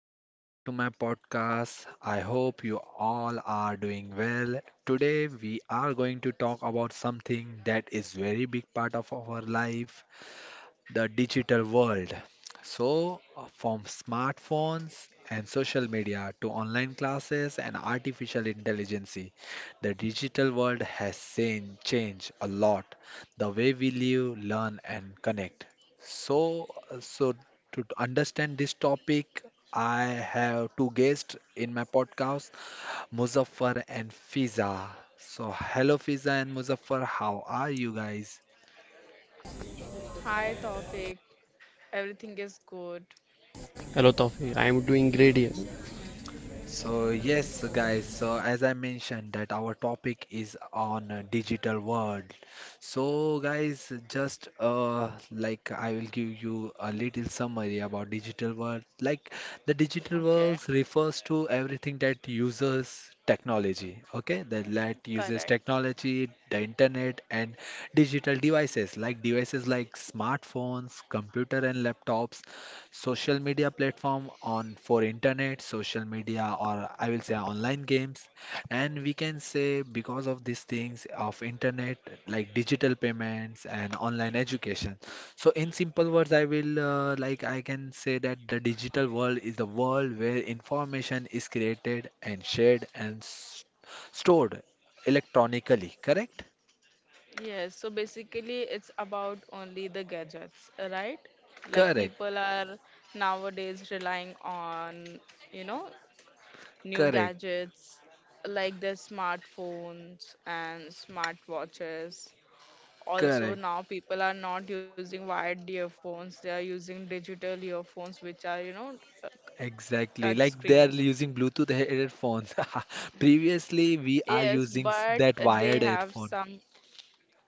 welcome back to my podcast. I hope you all are doing well. Today we are going to talk about something that is very big part of our life, the digital world. So, from smartphones and social media to online classes and artificial intelligence, the digital world has seen, change a lot the way we live, learn, and connect. So, to understand this topic, I have two guests in my podcast, Muzaffar and Fiza. So, hello, Fiza and Muzaffar, how are you guys? Hi, Tawfiq. Everything is good. Hello Tawfiq, I am doing great here. So yes, guys. So as I mentioned that our topic is on a digital world. So guys, just like I will give you a little summary about digital world. Like the digital Okay. world refers to everything that uses technology. Okay, that uses Correct. technology, the internet, and digital devices like smartphones, computer and laptops, social media platform on for internet, social media, or I will say online games. And we can say because of these things of internet, like digital payments and online education. So in simple words, I will like I can say that the digital world is the world where information is created and shared and s stored electronically. Correct? Yes. So basically, it's about only the gadgets, right? Like Correct. people are nowadays relying on, you know, new Correct. gadgets like their smartphones and smartwatches. Also, Correct. now people are not using wired earphones, they are using digital earphones, which are, uh, touch Exactly, like screen. they are using Bluetooth headphones. Previously, we are Yes, using but that they wired have headphone. some.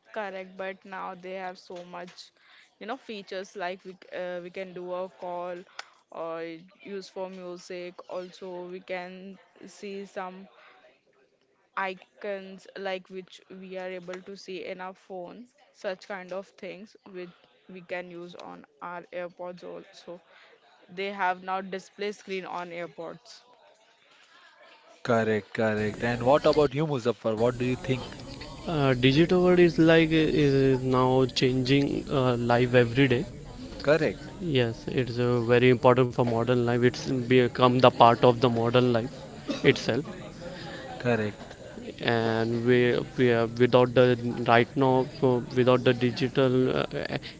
Correct, but now they have so much, features like we can do a call or use for music. Also, we can see some icons like which we are able to see in our phone, such kind of things which we can use on our AirPods also. They have now display screen on AirPods. Correct, correct. And what about you, Muzaffar? What do you think? Digital world is now changing life every day. Correct, Yes, it's very important for modern life. It's become the part of the modern life itself. correct. And we are, without the right now, without the digital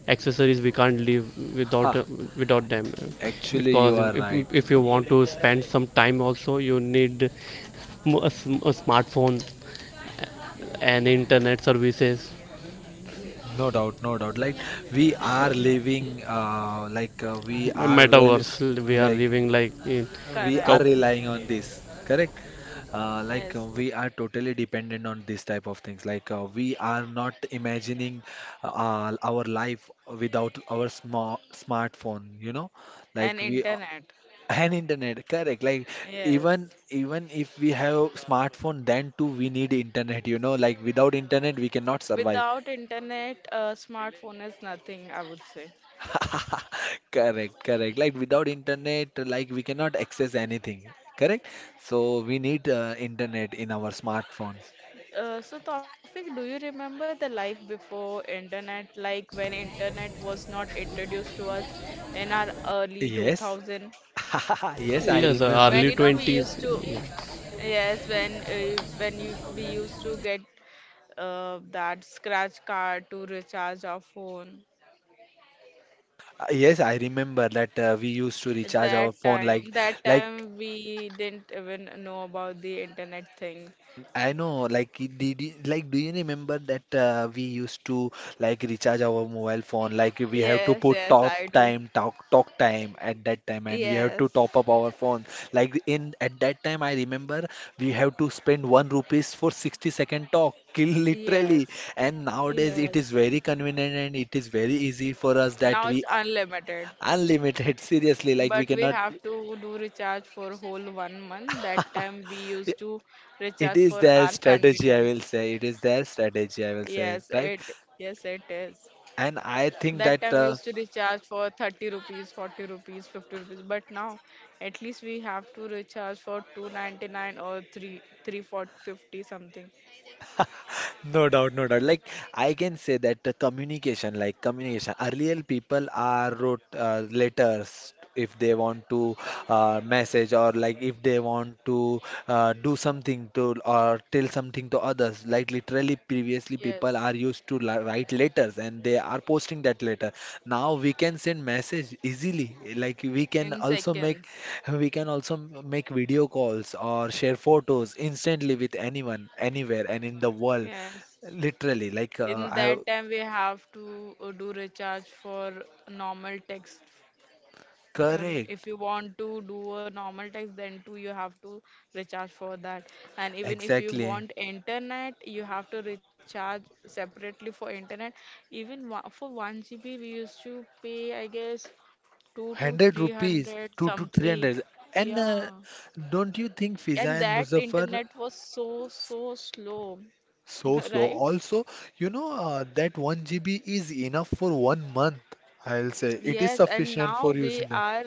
accessories, we can't live without Ha, uh, without them. actually, Because you are if, right. if you want to spend some time, also you need a smartphone and internet services. No doubt, no doubt. Like we are living, like we are, well, Metaverse we are like living like in we co- are Correct. relying on this, correct? Like Yes, we are totally dependent on this type of things. Like we are not imagining our life without our smartphone, you know? and Like we internet. and internet, correct? Like even Yes. even if we have smartphone, then too we need internet, you know? Like without internet we cannot survive. Without internet, smartphone is nothing, I would say. Correct, correct. Like without internet, like we cannot access anything. Correct? So we need internet in our smartphones. So, Tawfiq, do you remember the life before internet, like when internet was not introduced to us in our early Yes. 2000? Yes, I yes. Remember. When you Early know we 20s. used to, Yes. When uh, when you we used to get that scratch card to recharge our phone. Yes, I remember that we used to At recharge our that phone, time, like, that like time we didn't even know about the internet thing. I know, like, like, do you remember that we used to like recharge our mobile phone? Like, we have to Yes, put yes, top I do. time, talk time at that time, and we have to Yes. top up our phone. Like in at that time, I remember we have to spend 1 rupees for 60-second talk, kill literally. Yes, And nowadays, it yes. is very convenient and it is very easy for us that Now we it's unlimited, unlimited. Seriously, like we but we cannot. have to do recharge for whole 1 month. That time we used to It recharge is for their our strategy, I will convenience. say. It is their strategy, I will Yes, say, it right? yes, it is. And I That think time we that, used to recharge for 30 rupees, 40 rupees, 50 rupees, but now at least we have to recharge for 299 or 3 350 something. no doubt, no doubt. Like I can say that the communication, like communication. Earlier, people are wrote letters if they want to message, or like if they want to do something to, or tell something to others. Like literally, previously people Yes, are used to write letters and they are posting that letter. Now we can send message easily. Like in seconds. we can also make video calls or share photos instantly with anyone, anywhere, and in the world. Yes. Literally, like In I, that time we have to do recharge for normal text. If correct, you want to do a normal text, then too you have to recharge for that. And even if you exactly, want internet, you have to recharge separately for internet. Even for 1 GB we used to pay, I guess, 2 to 100 rupees, 300 2 to something. 300. And Yeah. don't you think, Fiza And and that Muzaffar, internet was so, so slow. so slow? Right. Also, that 1 GB is enough for one month. I'll say it is Yes, and sufficient now for we using that. are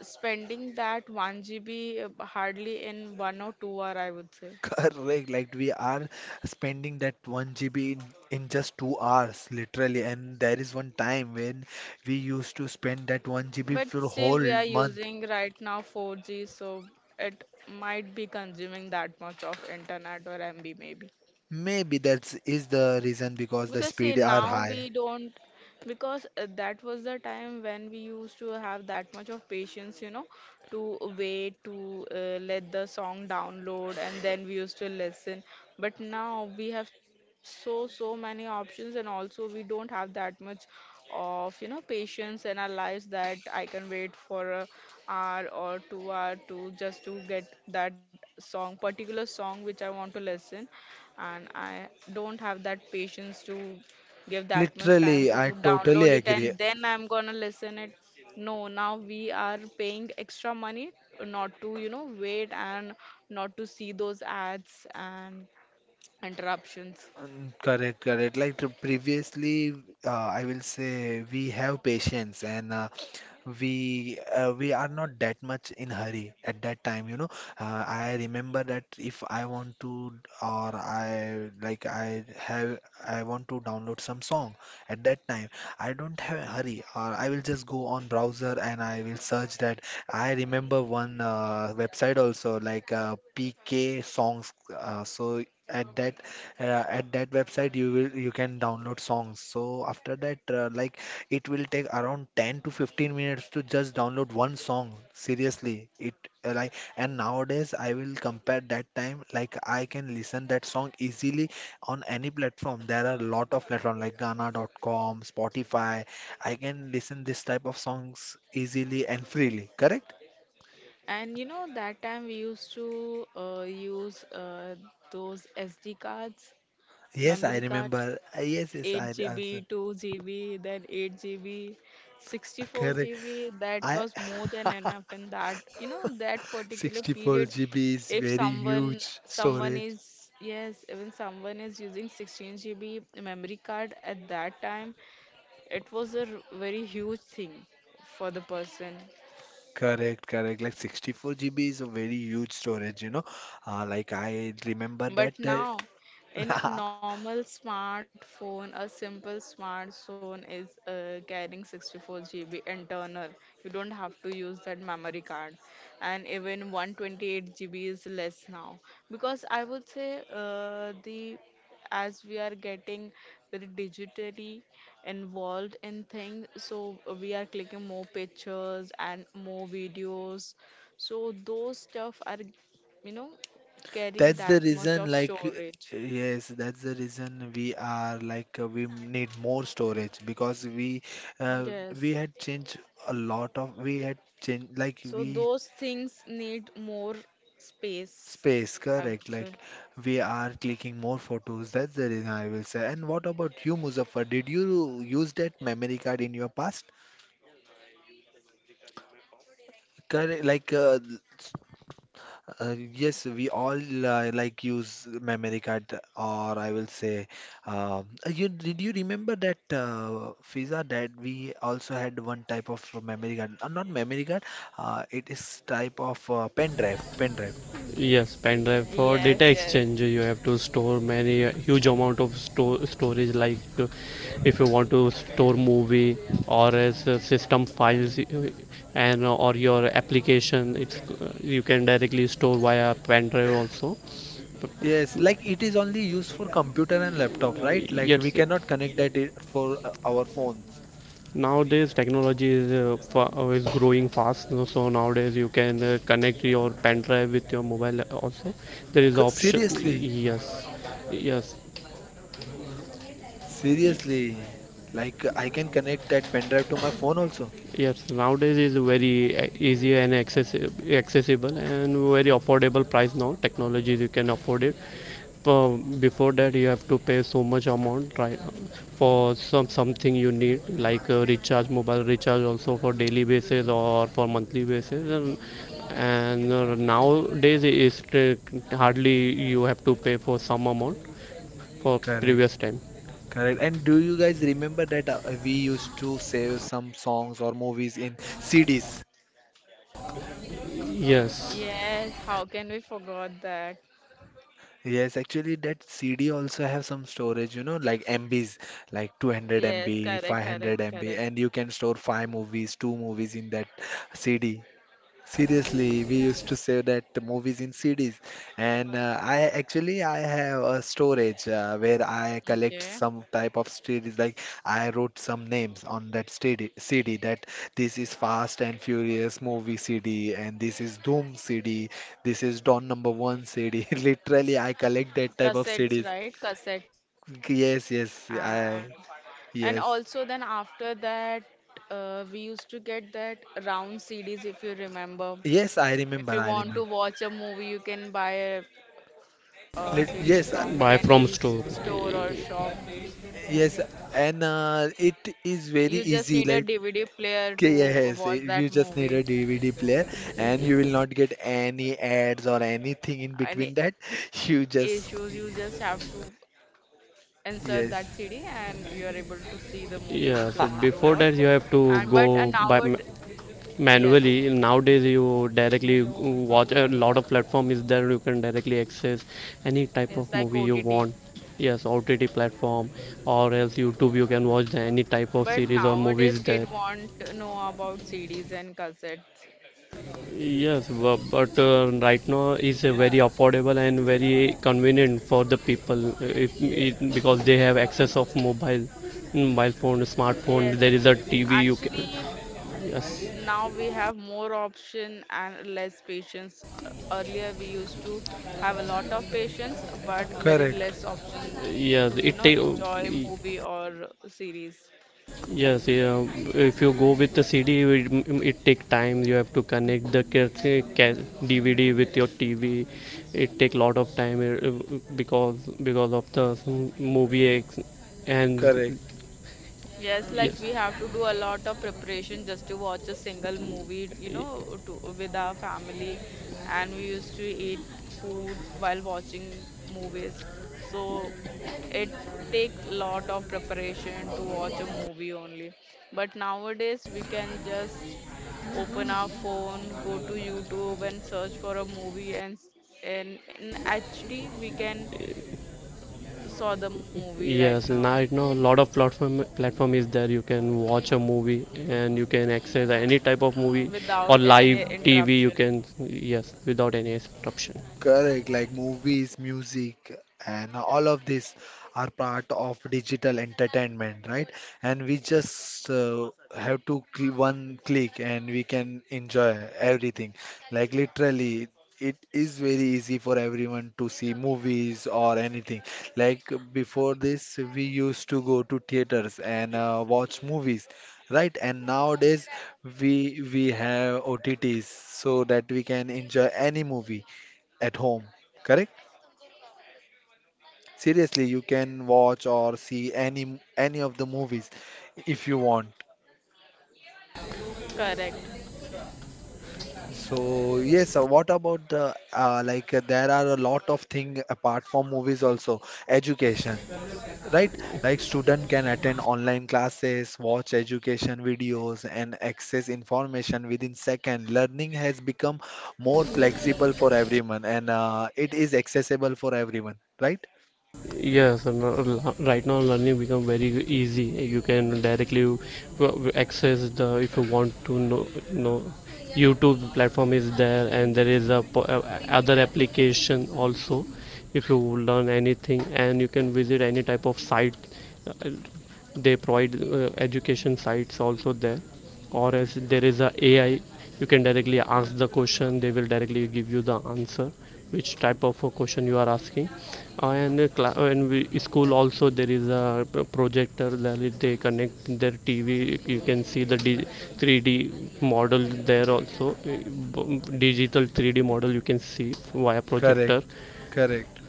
spending that 1 GB hardly in 1 or 2 hour, I would say. Correct, like we are spending that 1 GB in just 2 hours, literally. And there is one time when we used to spend that 1 GB But for still, we whole are month. using right now 4G, so it might be consuming that much of internet or MB maybe. Maybe that is the reason because the Because see, speed are now high. we don't, because that was the time when we used to have that much of patience, to wait to let the song download and then we used to listen. But now we have so, so many options, and also we don't have that much of, patience in our lives that I can wait for a hour or 2 hour to just to get that song, particular song which I want to listen, and I don't have that patience to give that much time Literally, to I download totally it agree. and then I'm gonna listen it. No, now we are paying extra money not to, wait and not to see those ads and interruptions. Mm, correct, correct. Like the previously, I will say we have patience, and we are not that much in hurry at that time, I remember that, if I want to, or I like I have I want to download some song at that time. I don't have a hurry, or I will just go on browser and I will search that. I remember one website also, like PK songs, so at that uh, at that website you will you can download songs. So after that like it will take around 10 to 15 minutes to just download one song. Seriously, it like, and nowadays I will compare that time, like I can listen that song easily on any platform. There are a lot of platform like Gaana.com, Spotify. I can listen this type of songs easily and freely. Correct? And that time we used to use those SD cards, Yes, I memory card. remember. Yes, yes, I 8 answer. GB, 2 GB, then 8 GB, Correct. 64 GB. That I was more than enough. And that particular 64 period, GB is if very someone huge someone storage. is yes, even someone is using 16 GB memory card at that time, it was a very huge thing for the person. Correct, correct. Like 64 GB is a very huge storage, you know. Like I remember But that, now, uh, in a normal smartphone, a simple smartphone is carrying 64 GB internal. You don't have to use that memory card, and even 128 GB is less now. Because I would say, the as we are getting very digitally involved in things, so we are clicking more pictures and more videos. So those stuff are, you know carrying that's the that much reason, of like, storage. yes, that's the reason we are, like, we need more storage because uh, we Yes. had changed, a lot of we had changed, like So we, those things need more space, space, I correct? would say. Like we are clicking more photos. That's the reason I will say. And what about you, Muzaffar? Did you use that memory card in your past? Correct, like, yes, we all like use memory card, or I will say, you did you remember that, Fiza, that we also had one type of memory card, not memory card, it is type of pen drive, pen drive. Yes, pen drive for Yes, data yes. exchange, you have to store many huge amount of store storage, like to, if you want to store movie, or as system files, and or your application, it's you can directly store via pen drive also. But, Yes, like it is only used for computer and laptop, right? Like we yes. cannot connect that it for our phones. Nowadays, technology is growing fast, no? So nowadays, you can connect your pen drive with your mobile also. There is option. Seriously, Yes, yes, seriously, like I can connect that pen drive to my phone also. yes. Nowadays is very easy and accessible and very affordable price now. Technology you can afford it. Before that you have to pay so much amount, right? For something you need, like recharge, mobile recharge also, for daily basis or for monthly basis. And nowadays is hardly you have to pay for some amount, for Correct. previous time. Correct. And do you guys remember that we used to save some songs or movies in CDs? Yes, Yes, how can we forget that? Yes, actually that CD also have some storage, you know, like MBs, like 200 Yes, MB, correct, correct, 500 MB, and correct. you can store five movies, two movies in that CD. Seriously, we used to save that the movies in CDs, and I actually I have a storage where I collect Okay. some type of CDs. Like I wrote some names on that CD, CD, that this is Fast and Furious movie CD, and this is Doom CD, this is Dawn Number One CD. Literally, I collect that type of Cassettes, CDs. right? Cassette. Yes, yes, And I and yes. also, then after that, we used to get that round CDs if you remember. Yes, I If remember. you I want to remember. watch a movie, you can buy a Lit CD Yes, from buy from any store. store or shop. yes, and it is very You just easy, need a like, DVD player okay, to yes, watch that you just need movie. a DVD player and you will not get any ads or anything in And between that. issues, you You just have just, to insert that CD yes. and you are able to see the movie which you want to Yes, watch. before that you have And to but go nowadays, buy yes, manually. Nowadays you directly watch, a lot of platform is there, you can directly access any type it's of like movie you OTT. want. Yes, OTT platform, or else YouTube, you can watch the any type of But series or nowadays, movies there. kid want to know about CDs and cassettes. Yes, bu- but right now is a very affordable and very convenient for the people, if it, because they have access of mobile, mobile phone, Yes, smartphone, there is a TV, you actually, can. Yes, now we have more option and less patience. Earlier we used to have a lot of patience but very Correct, less option yes, to it take. enjoy movie or series. Yes, yeah. If you go with the CD, it take time. You have to connect the DVD with your TV. It take lot of time, because of the movie ex- and correct. Yes, like Yes, we have to do a lot of preparation just to watch a single movie, with our family. And we used to eat food while watching movies. So it takes lot of preparation to watch a movie only. But nowadays we can just open our phone, go to YouTube and search for a movie, and actually we can saw the movie right yes. now Right now it know lot of platform is there. You can watch a movie and you can access any type of movie without or any live TV. interruption. You can, yes, without any interruption. Correct, like movies, music, and all of these are part of digital entertainment, right? And we just have to cl one click and we can enjoy everything. Like literally, it is very easy for everyone to see movies or anything. Like before this, we used to go to theaters and watch movies. Right, and nowadays we have OTTs, so that we can enjoy any movie at home, correct? Seriously, you can watch or see any of the movies if you want. Correct. So yes, what about the like there are a lot of thing apart from movies also? Education, right? Like student can attend online classes, watch education videos, and access information within second. Learning has become more flexible for everyone, and it is accessible for everyone, right? Yes, right now learning become very easy. You can directly access the, if you want to know, YouTube platform is there, and there is a other application also. If you learn anything, and you can visit any type of site, uh, they provide education sites also there. Or as, there is a AI, you can directly ask the question, they will directly give you the answer, which type of a question you are asking. uh, and uh, School also there is a projector that they connect their TV, you can see the 3D model there also, digital 3D model you can see via projector, Correct, correct.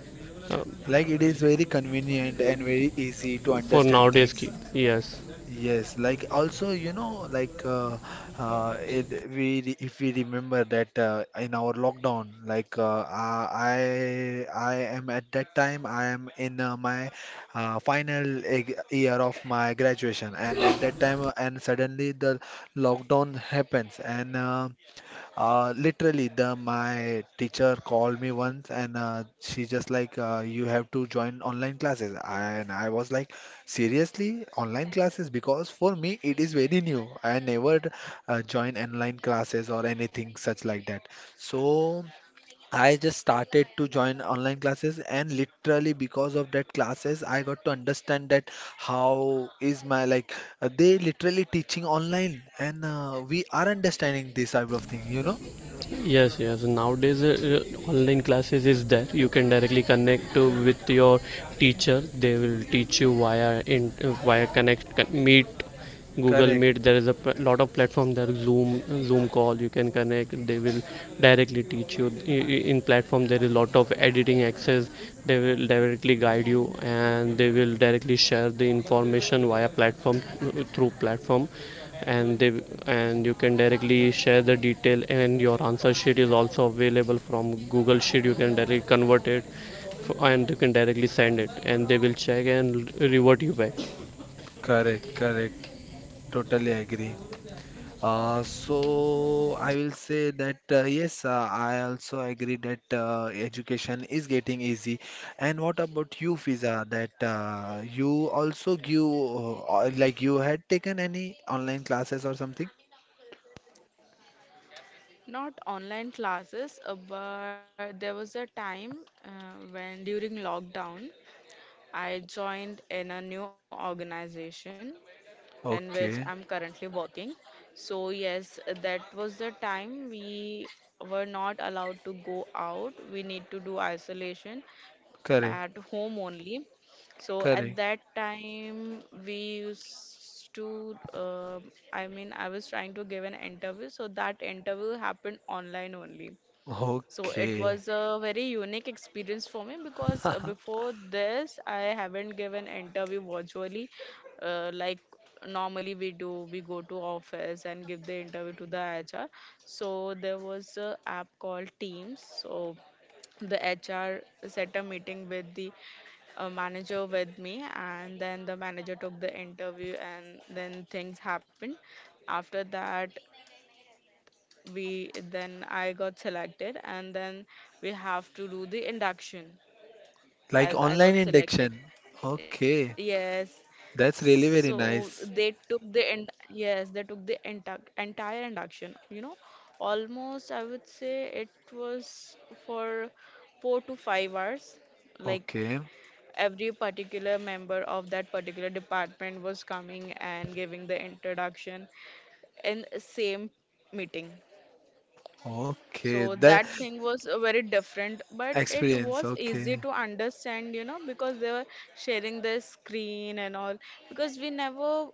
uh, Like it is very convenient and very easy to for understand nowadays. things. Yes. Yes, like also, like, uh, it, if we remember that, in our lockdown, like, I am at that time, I am in my final year of my graduation, and at that time, and suddenly the lockdown happens, and literally, the my teacher called me once, and she just like, you have to join online classes, and I was like, seriously, online classes? Because for me, it is very new. I never join online classes or anything such like that. So I just started to join online classes, and literally because of that classes, I got to understand that, how is my, like, they literally teaching online, and we are understanding this type of thing. Yes, yes. Nowadays, online classes is there. You can directly connect with your teacher. They will teach you via meet, Google Correct, Meet. There is a lot of platform there. Zoom, Zoom call. You can connect. They will directly teach you. In platform, there is a lot of editing access. They will directly guide you, and they will directly share the information via platform, through platform. And they and you can directly share the detail, and your answer sheet is also available from Google Sheet. You can directly convert it and you can directly send it, and they will check and revert you back. correct, correct. Totally agree. So, I will say that yes, I also agree that education is getting easy. And what about you, Fiza? That you also give or like you had taken any online classes or something? Not online classes, but there was a time when, during lockdown, I joined in a new organization in which Okay, I'm currently working. So, yes, that was the time we were not allowed to go out. We need to do isolation correct, at home only. So at correct. that time, we used to, I mean, I was trying to give an interview. So that interview happened online only. So it Okay, was a very unique experience for me because before this, I haven't given interview virtually, like normally we do. We go to office and give the interview to the HR. So there was a app called Teams. So the HR set a meeting with the manager with me, and then the manager took the interview, and then things happened. After that, we then I got selected, and then we have to do the induction like as I online got selected. induction. Okay, Yes. that's really So very they nice. took the end yes, they took the entire induction. Almost I would say it was for 4 to 5 hours. Like Okay, every particular member of that particular department was coming and giving the introduction in same meeting. okay. So That. that thing was very different, but it Experience, was easy okay. to understand, because they were sharing the screen and all. Because we never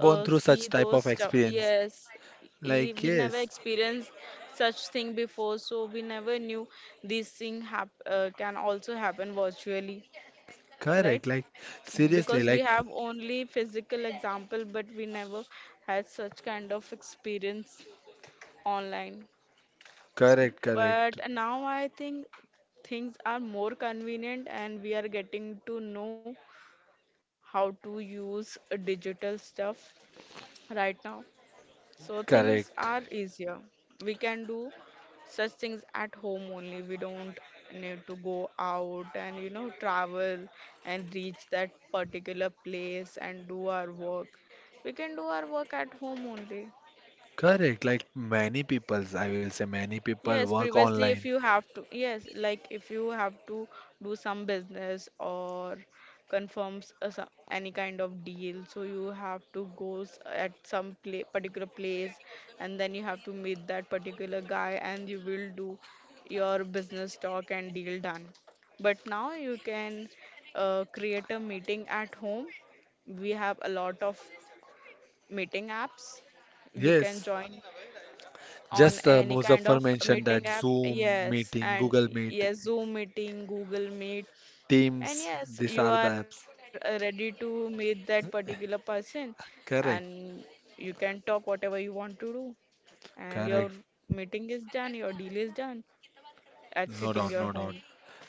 Gone through see such type those of stuff. experience. Yes, Like, we never yes, experienced such thing before, so we never knew this thing hap can also happen virtually, right? correct. Like, seriously, Because we like, have only physical example, but we never had such kind of experience online. correct, But correct, now I think things are more convenient and we are getting to know how to use digital stuff right now. So things correct, are easier. We can do such things at home only. We don't need to go out and travel and reach that particular place and do our work. We can do our work at home only. correct. Like, many peoples, I will say, many people Yes, work previously, if online. you have to, yes, like if you have to do some business or confirms any kind of deal, so you have to go at some pla particular place, and then you have to meet that particular guy and you will do your business talk, and deal done. But now you can create a meeting at home. We have a lot of meeting apps. You can Yes, join on just any kind Muzaffar of mentioned meeting that app. Zoom Yes, meeting, and Google Meet, yes, Zoom meeting, Google Meet, and Teams, yes, these you are the are apps. ready to meet that particular person, and Correct, you can talk whatever you want to do, and your correct. meeting is done, your deal is done at No sitting doubt, your no doubt. home.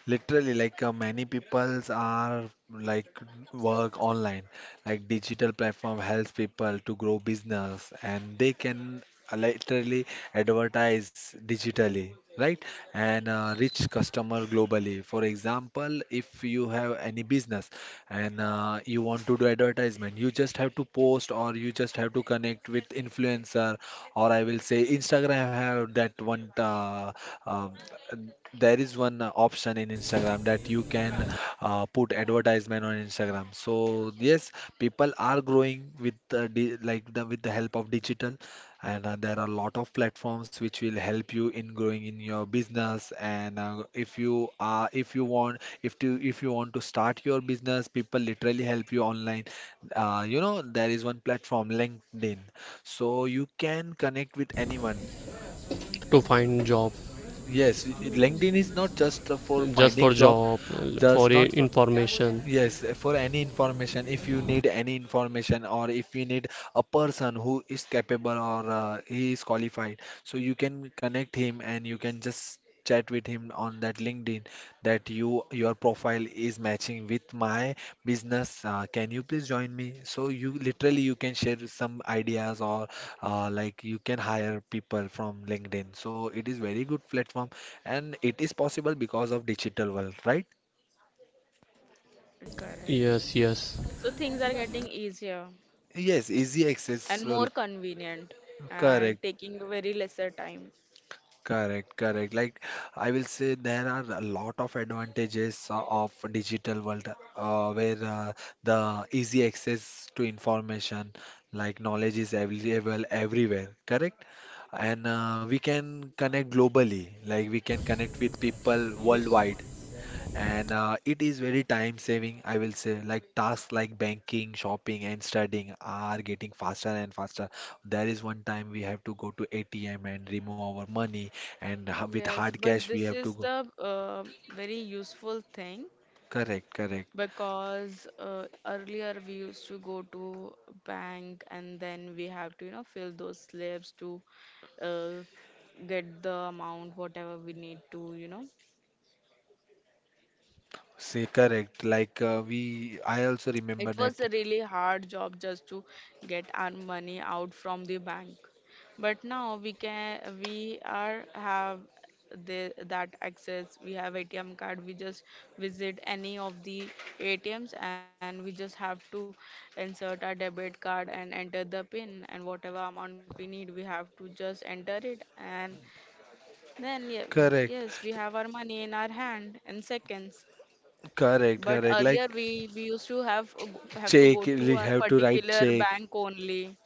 Literally, like many peoples are like work online. Like digital platform helps people to grow business, and they can literally advertise digitally, right? And reach customer globally. For example, if you have any business and you want to do advertisement, you just have to post or you just have to connect with influencer, or I will say Instagram have that one um, there is one option in Instagram that you can put advertisement on Instagram. So yes, people are growing with di like the with the help of digital, and there are a lot of platforms which will help you in growing in your business. And if you are if you want to start your business, people literally help you online. You know there is one platform LinkedIn, so you can connect with anyone. To find job. Yes, LinkedIn is not just for Just for finding job, job, for just not. information. Yes, for any information, if you need any information or if you need a person who is capable or he is qualified, so you can connect him and you can just chat with him on that LinkedIn that you your profile is matching with my business. Can you please join me? So you can share some ideas or like you can hire people from LinkedIn. So it is very good platform and it is possible because of digital world, right? Correct. Yes, yes, So things are getting easier Yes, easy and access. More convenient and Correct, taking very lesser time. correct, correct. Like I will say there are a lot of advantages of digital world, where the easy access to information, like knowledge is available everywhere, correct? And we can connect globally, like we can connect with people worldwide, and it is very time saving. I will say, like tasks like banking, shopping and studying are getting faster and faster. There is one time we have to go to ATM and remove our money, and with Yes, hard cash but we this have to is go. the very useful thing Correct, correct. because earlier we used to go to bank and then we have to fill those slips to uh, get the amount, whatever we need to. Say correct, like we, I also remember It was that. a really hard job just to get our money out from the bank. But now we are have that access. We have ATM card. We just visit any of the ATMs and we just have to insert our debit card and enter the pin and whatever amount we need, we have to just enter it, and then, yeah, Correct, yes, we have our money in our hand in seconds. correct, But correct. earlier Like we used to have to check, go to we our have to write particular check. bank only,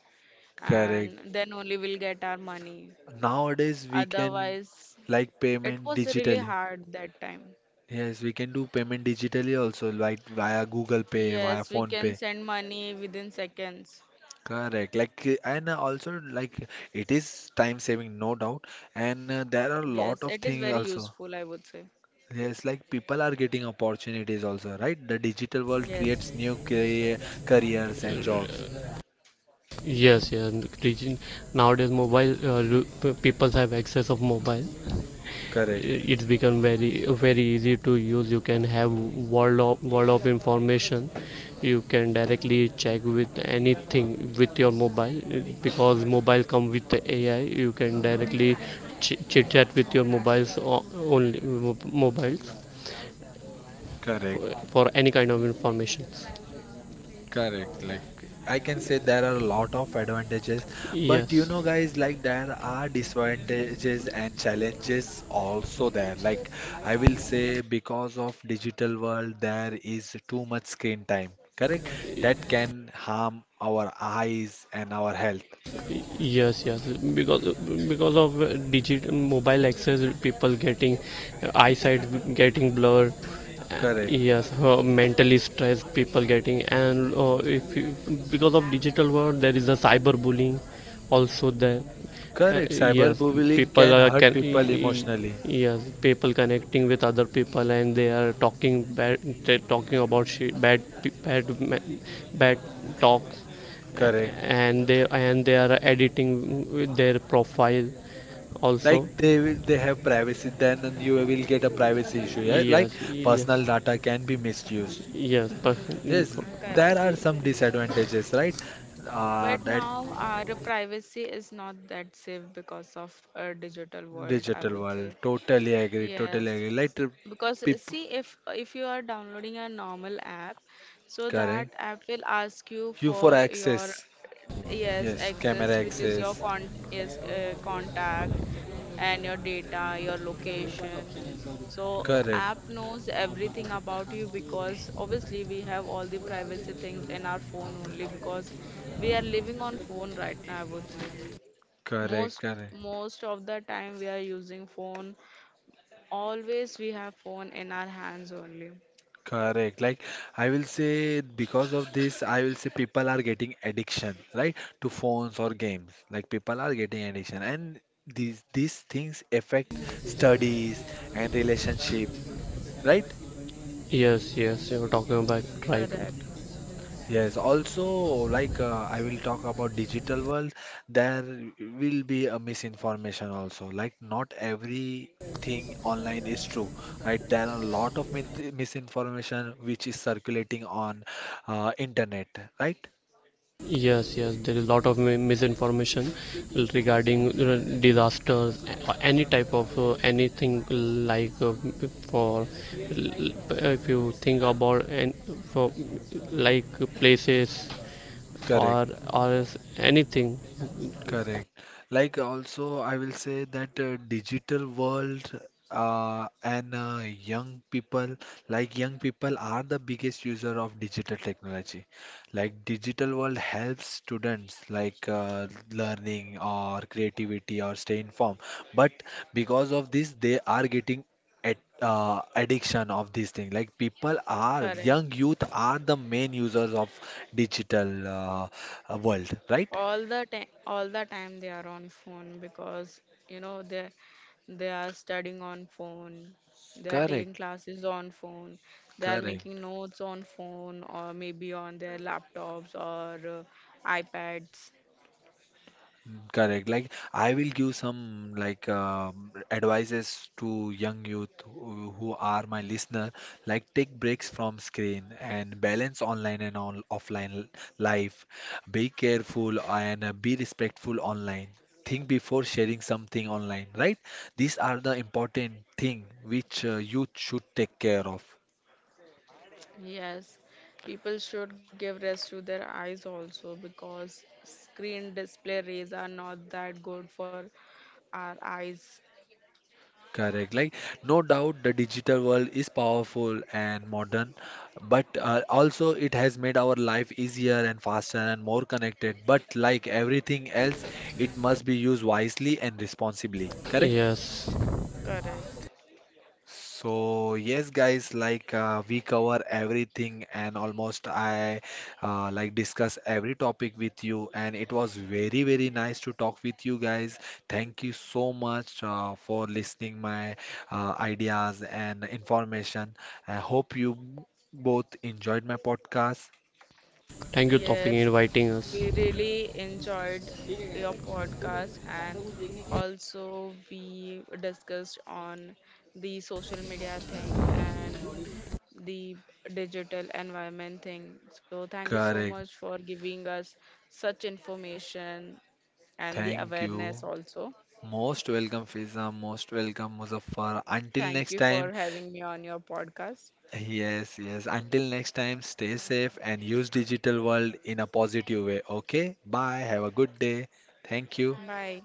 Correct, and then only we'll get our money. nowadays we can, Otherwise, like it payment was really digitally. hard that time. Yes, we can do payment digitally also, like via Google Pay, via Yes, we Phone can Pay. send money within seconds. Correct. Like, and also like it is time saving, no doubt. And there are a lot Yes, of it is things very also. useful, I would say. Yes, like people are getting opportunities also, right? The digital world creates Yes, new career, careers and jobs. yes, yes. Region, nowadays mobile, people have access of mobile. Correct. It's become very very easy to use, you can have world of information. You can directly check with anything with your mobile, because mobile come with the AI, you can directly chit chat with your mobiles only, mobiles, Correct. for any kind of information. Correct. Like I can say there are a lot of advantages, but you Yes, know, guys, like there are disadvantages and challenges also there. Like I will say because of digital world, there is too much screen time. Correct? That can harm our eyes and our health. yes, yes. Because because of digital mobile access, people getting eyesight getting blur. Uh, Correct. yes, mentally stressed people getting. And if you, Because of digital world there is a cyberbullying also there. uh, Correct. yes, Cyberbullying people can are hurt can y- people emotionally. y- yes, people connecting with other people and they are talking bad, they're talking about shit, bad pe- bad ma- bad talks. Correct. And they and they are editing their profile Like also. they they have privacy, then you will get a privacy issue. Yeah? Like Yes, yes, personal data can be misused. yes, but. Yes, there correct. are some disadvantages, right? But That now our privacy is not that safe because of a digital world, I digital would world. say. Totally agree. Totally Yes, agree. Like because people, see, if you are downloading a normal app, so that correct. app will ask you You for for your, access. yes, Yes, camera access, which is your access. con yes, contact, and your data, your location, so Correct. app knows everything about you because obviously we have all the privacy things in our phone only, because we are living on phone right now, I would say. Correct. most Correct. most of the time we are using phone. Always we have phone in our hands only. Correct. Like I will say, because of this, I will say people are getting addiction, right, to phones or games. Like people are getting addiction, and these things affect studies and relationship, right? Yes, yes, you were talking about right. Correct, Yes, also like I will talk about digital world, there will be a misinformation also. Like not everything online is true, right? There are a lot of min misinformation which is circulating on internet, right? Yes, yes, there is a lot of misinformation regarding you, disasters, any type of anything, like, for if you think about and for like places, Correct. or or else anything. Correct. Like also, I will say that digital world and young people, like young people are the biggest user of digital technology. Like digital world helps students like learning or creativity or stay informed. But because of this, they are getting at, addiction of this thing. Like people are, young correct. youth are the main users of digital world, right? All the time they are on phone because you know they they are studying on phone, they are Correct. taking classes on phone, they are making Correct, notes on phone or maybe on their laptops or iPads. mm, correct. Like I will give some like advices to young youth who are my listener. Like take breaks from screen and balance online and on offline life. Be careful and be respectful online. Think before sharing something online, right? These are the important thing which youth should take care of. Yes, people should give rest to their eyes also because screen display rays are not that good for our eyes. Correct. Like, no doubt the digital world is powerful and modern, but also it has made our life easier and faster and more connected. But like everything else, it must be used wisely and responsibly. Correct? Yes, Correct. So yes, guys, like we cover everything and almost I like discuss every topic with you, and it was very very nice to talk with you guys. Thank you so much for listening my ideas and information. I hope you both enjoyed my podcast. thank you, Tawfiq, Yes, inviting us. we really enjoyed your podcast and also we discussed on the social media thing and the digital environment thing. So thank you so Correct. much for giving us such information and the Thank awareness you. also. Most welcome, Fiza. Most welcome, Muzaffar. Until Thank you next for time. having me on your podcast. Yes, yes. Until next time, stay safe and use digital world in a positive way. Okay? Bye. Have a good day. Thank you. Bye.